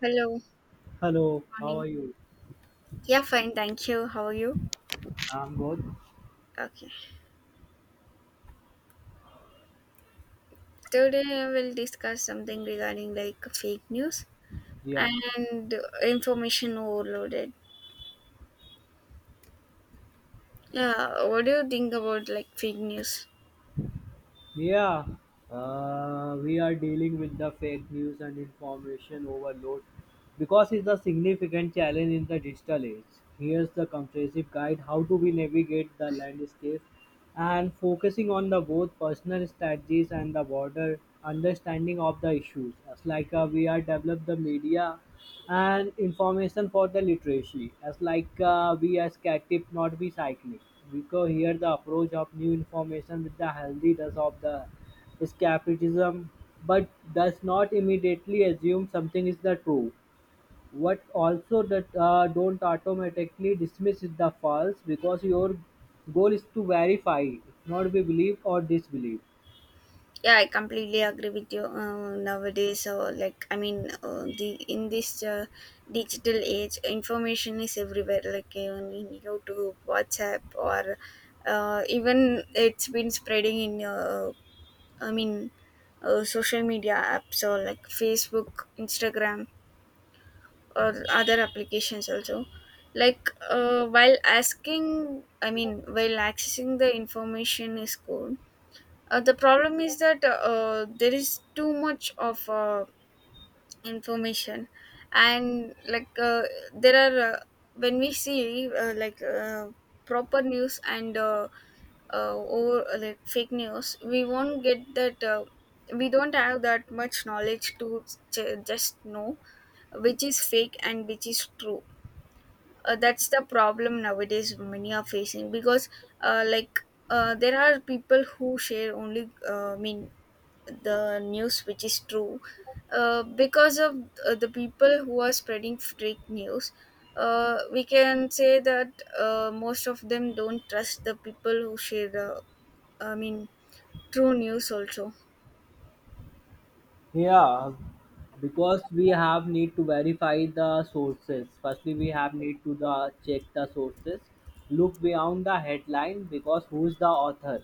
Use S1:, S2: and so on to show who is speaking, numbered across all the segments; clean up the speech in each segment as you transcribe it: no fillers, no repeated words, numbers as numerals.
S1: Hello.
S2: Hello, how
S1: Morning.
S2: are you?
S1: Yeah, fine. Thank you. How are you?
S2: I'm good.
S1: Okay. Today we'll discuss something regarding like fake news
S2: Yeah,
S1: and Information overloaded. Yeah, what do you think about like fake news?
S2: yeah. We are dealing with the fake news and information overload because it's a significant challenge in the digital age. Here's the comprehensive guide: how do we navigate the landscape, and focusing on the both personal strategies and the broader understanding of the issues. As like we are develop the media and information for the literacy as like we as cat tip not be cycling because here the approach of new information with the healthy does of the escapism but does not immediately assume something is the true, what also that don't automatically dismiss is the false because your goal is to verify, not be believe or disbelieve.
S1: Yeah, I completely agree with you. Nowadays, or like I mean, the in this digital age, information is everywhere. Like even in YouTube, WhatsApp, or even it's been spreading in I mean, social media apps or like Facebook, Instagram, or other applications also. Like while while accessing the information is cool. The problem is that there is too much of information, and like there are when we see proper news and over like fake news we won't get that we don't have that much knowledge to just know which is fake and which is true. That's the problem nowadays many are facing because uh, like there are people who share only the news which is true, because of the people who are spreading fake news, we can say that most of them don't trust the people who share the I mean true news also.
S2: Yeah, because we have need to verify the sources, firstly we have need to the check the sources, look beyond the headline because who's the author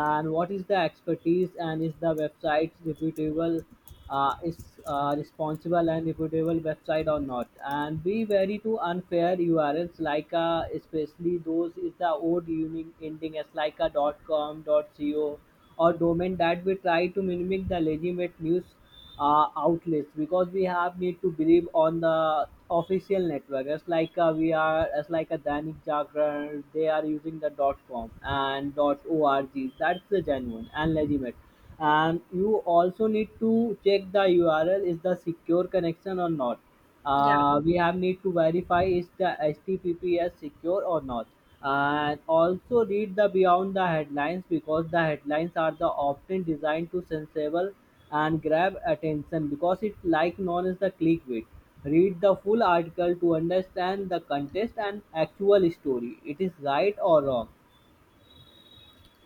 S2: and what is the expertise and is the website reputable, is responsible and reputable website or not, and be wary to unfair urls like especially those is the old ending as like a .com dot co or domain that we try to mimic the legitimate news outlets because we have need to believe on the official network as like we are as like a Dainik Jagran, they are using the .com and .org. That's the genuine and legitimate, and you also need to check the URL is the secure connection or not.
S1: Yeah.
S2: We have need to verify is the HTTPS secure or not, and also read the beyond the headlines because the headlines are the often designed to sensible and grab attention because it's like known as the clickbait. Read the full article to understand the context and actual story it is right or wrong.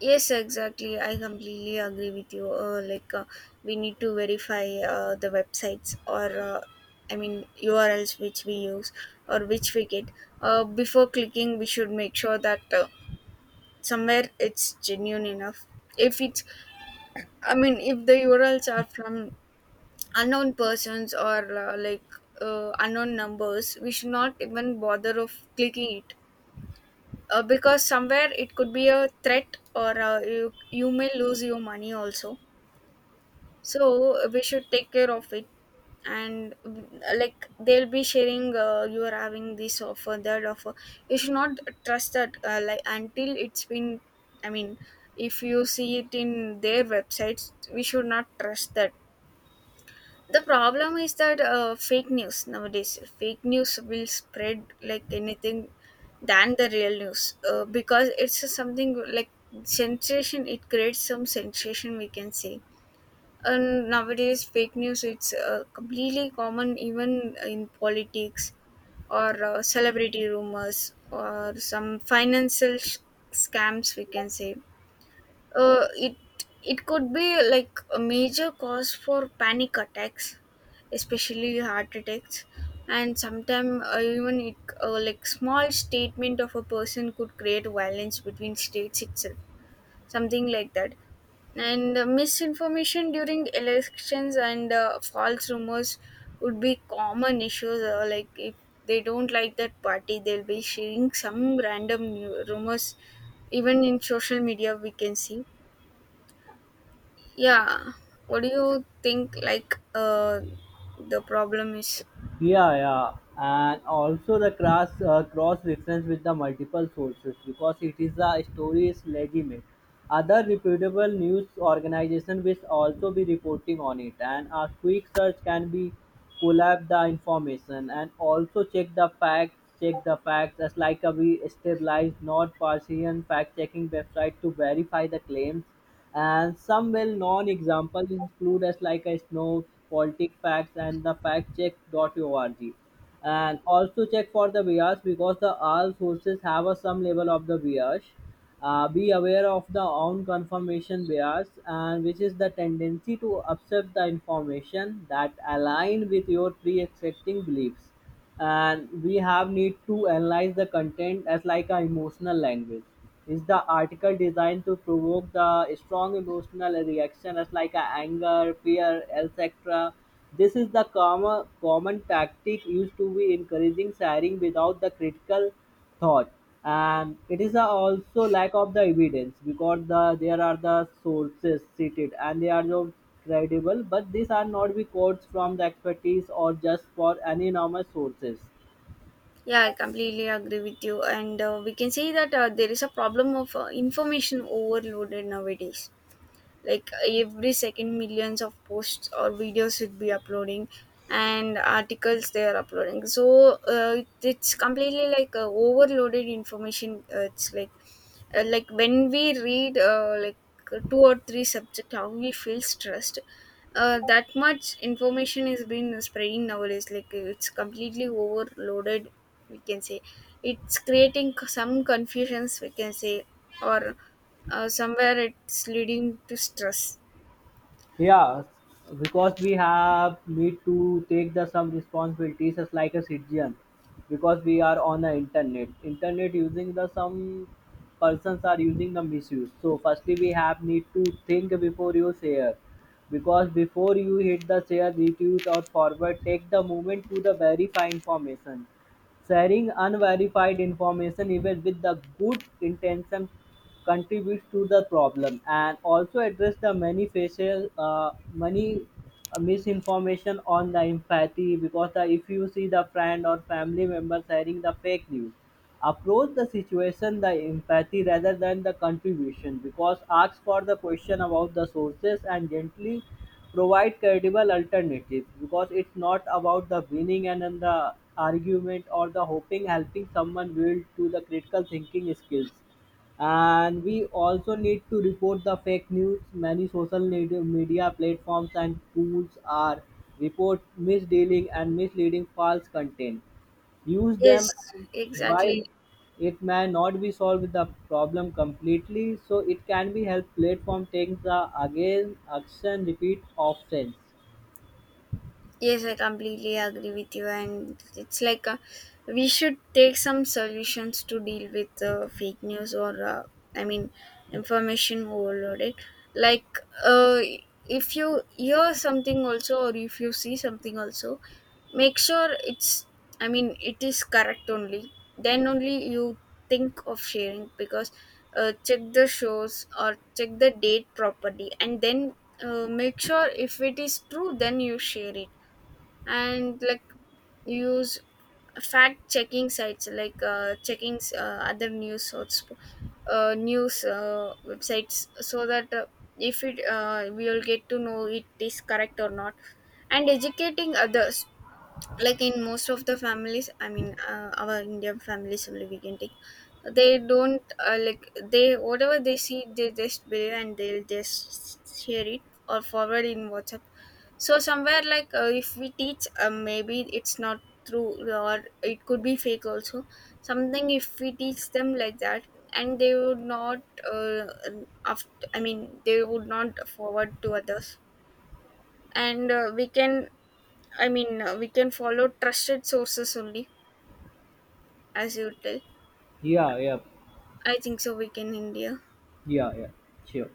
S1: Yes, exactly. I completely agree with you. We need to verify the websites or URLs which we use or which we get. Before clicking, we should make sure that somewhere it's genuine enough. If it's, I mean, If the URLs are from unknown persons or unknown numbers, we should not even bother of clicking it because somewhere it could be a threat, or you may lose your money also. So we should take care of it. And like they'll be sharing, you are having this offer, that offer, you should not trust that, like until it's been i mean if you see it in their websites we should not trust that. The problem is that, uh, fake news will spread like anything than the real news, because it's something like sensation, it creates some sensation, we can say. And nowadays fake news, it's completely common, even in politics or celebrity rumors or some financial scams, we can say. It it could be like a major cause for panic attacks, especially heart attacks. And sometimes even it like small statement of a person could create violence between states itself, something like that. And misinformation during elections and false rumors would be common issues. Like if they don't like that party, they'll be sharing some random new rumors, even in social media we can see. Yeah. What do you think like the problem is?
S2: Yeah, yeah, and also the cross reference with the multiple sources because it is a story is legitimate. Other reputable news organization will also be reporting on it, and a quick search can be collab the information and also check the facts. Check the facts as like a we stabilized, not Parsian fact checking website to verify the claims, and some well-known examples include as like a Snow, Politic Facts, and the factcheck.org. And also check for the bias because the all sources have a some level of the bias. Be aware of the own confirmation bias, and which is the tendency to accept the information that align with your pre-existing beliefs, and we have need to analyze the content as like a emotional language. Is the article designed to provoke the strong emotional reaction as like a anger, fear, etc? This is the common tactic used to be encouraging sharing without the critical thought, and it is a also lack of the evidence because the there are the sources cited and they are not credible, but these are not be quotes from the expertise or just for any normal sources.
S1: Yeah, I completely agree with you, and we can see that there is a problem of information overloaded nowadays. Like every second millions of posts or videos should be uploading and articles they are uploading, so it's completely like overloaded information. It's like when we read two or three subject, how we feel stressed. That much information is been spreading nowadays, like it's completely overloaded, we can say. It's creating some confusions, we can say. Or somewhere it's leading to stress.
S2: Yeah, because we have need to take the some responsibilities as like a citizen, because we are on the internet. Internet using the some persons are using the misuse. So firstly, we have need to think before you share, because before you hit the share, retweet or forward, take the moment to the verify information. Sharing unverified information, even with the good intention, contributes to the problem, and also address the many facial, many misinformation on the empathy because the, if you see the friend or family member sharing the fake news. Approach the situation the empathy rather than the contribution because ask for the question about the sources and gently provide credible alternatives, because it's not about the winning and then the argument or the hoping helping someone build to the critical thinking skills. And we also need to report the fake news. Many social media platforms and tools are report misdealing and misleading false content, use them.
S1: Yes,
S2: And while
S1: exactly.
S2: it may not be solved the problem completely, so it can be help platform take the again action repeat options.
S1: Yes, I completely agree with you, and it's like, we should take some solutions to deal with fake news, or I mean, information overloaded. Like, uh, if you hear something also, or if you see something also, make sure it is correct only. Then only you think of sharing. Because check the shows or check the date properly, and then make sure if it is true, then you share it. And like use fact checking sites like checking other news sorts news websites, so that if it we will get to know it is correct or not. And educating others, like in most of the families, our Indian families only we can take, they don't like, they whatever they see they just believe and they'll just share it or forward in WhatsApp. So somewhere like, if we teach, maybe it's not true or it could be fake also, something if we teach them like that, and they would not uh, after, I mean they would not forward to others. And we can, we can follow trusted sources only, as you tell.
S2: Yeah, yeah.
S1: I think so. We can India.
S2: Yeah, yeah. Sure.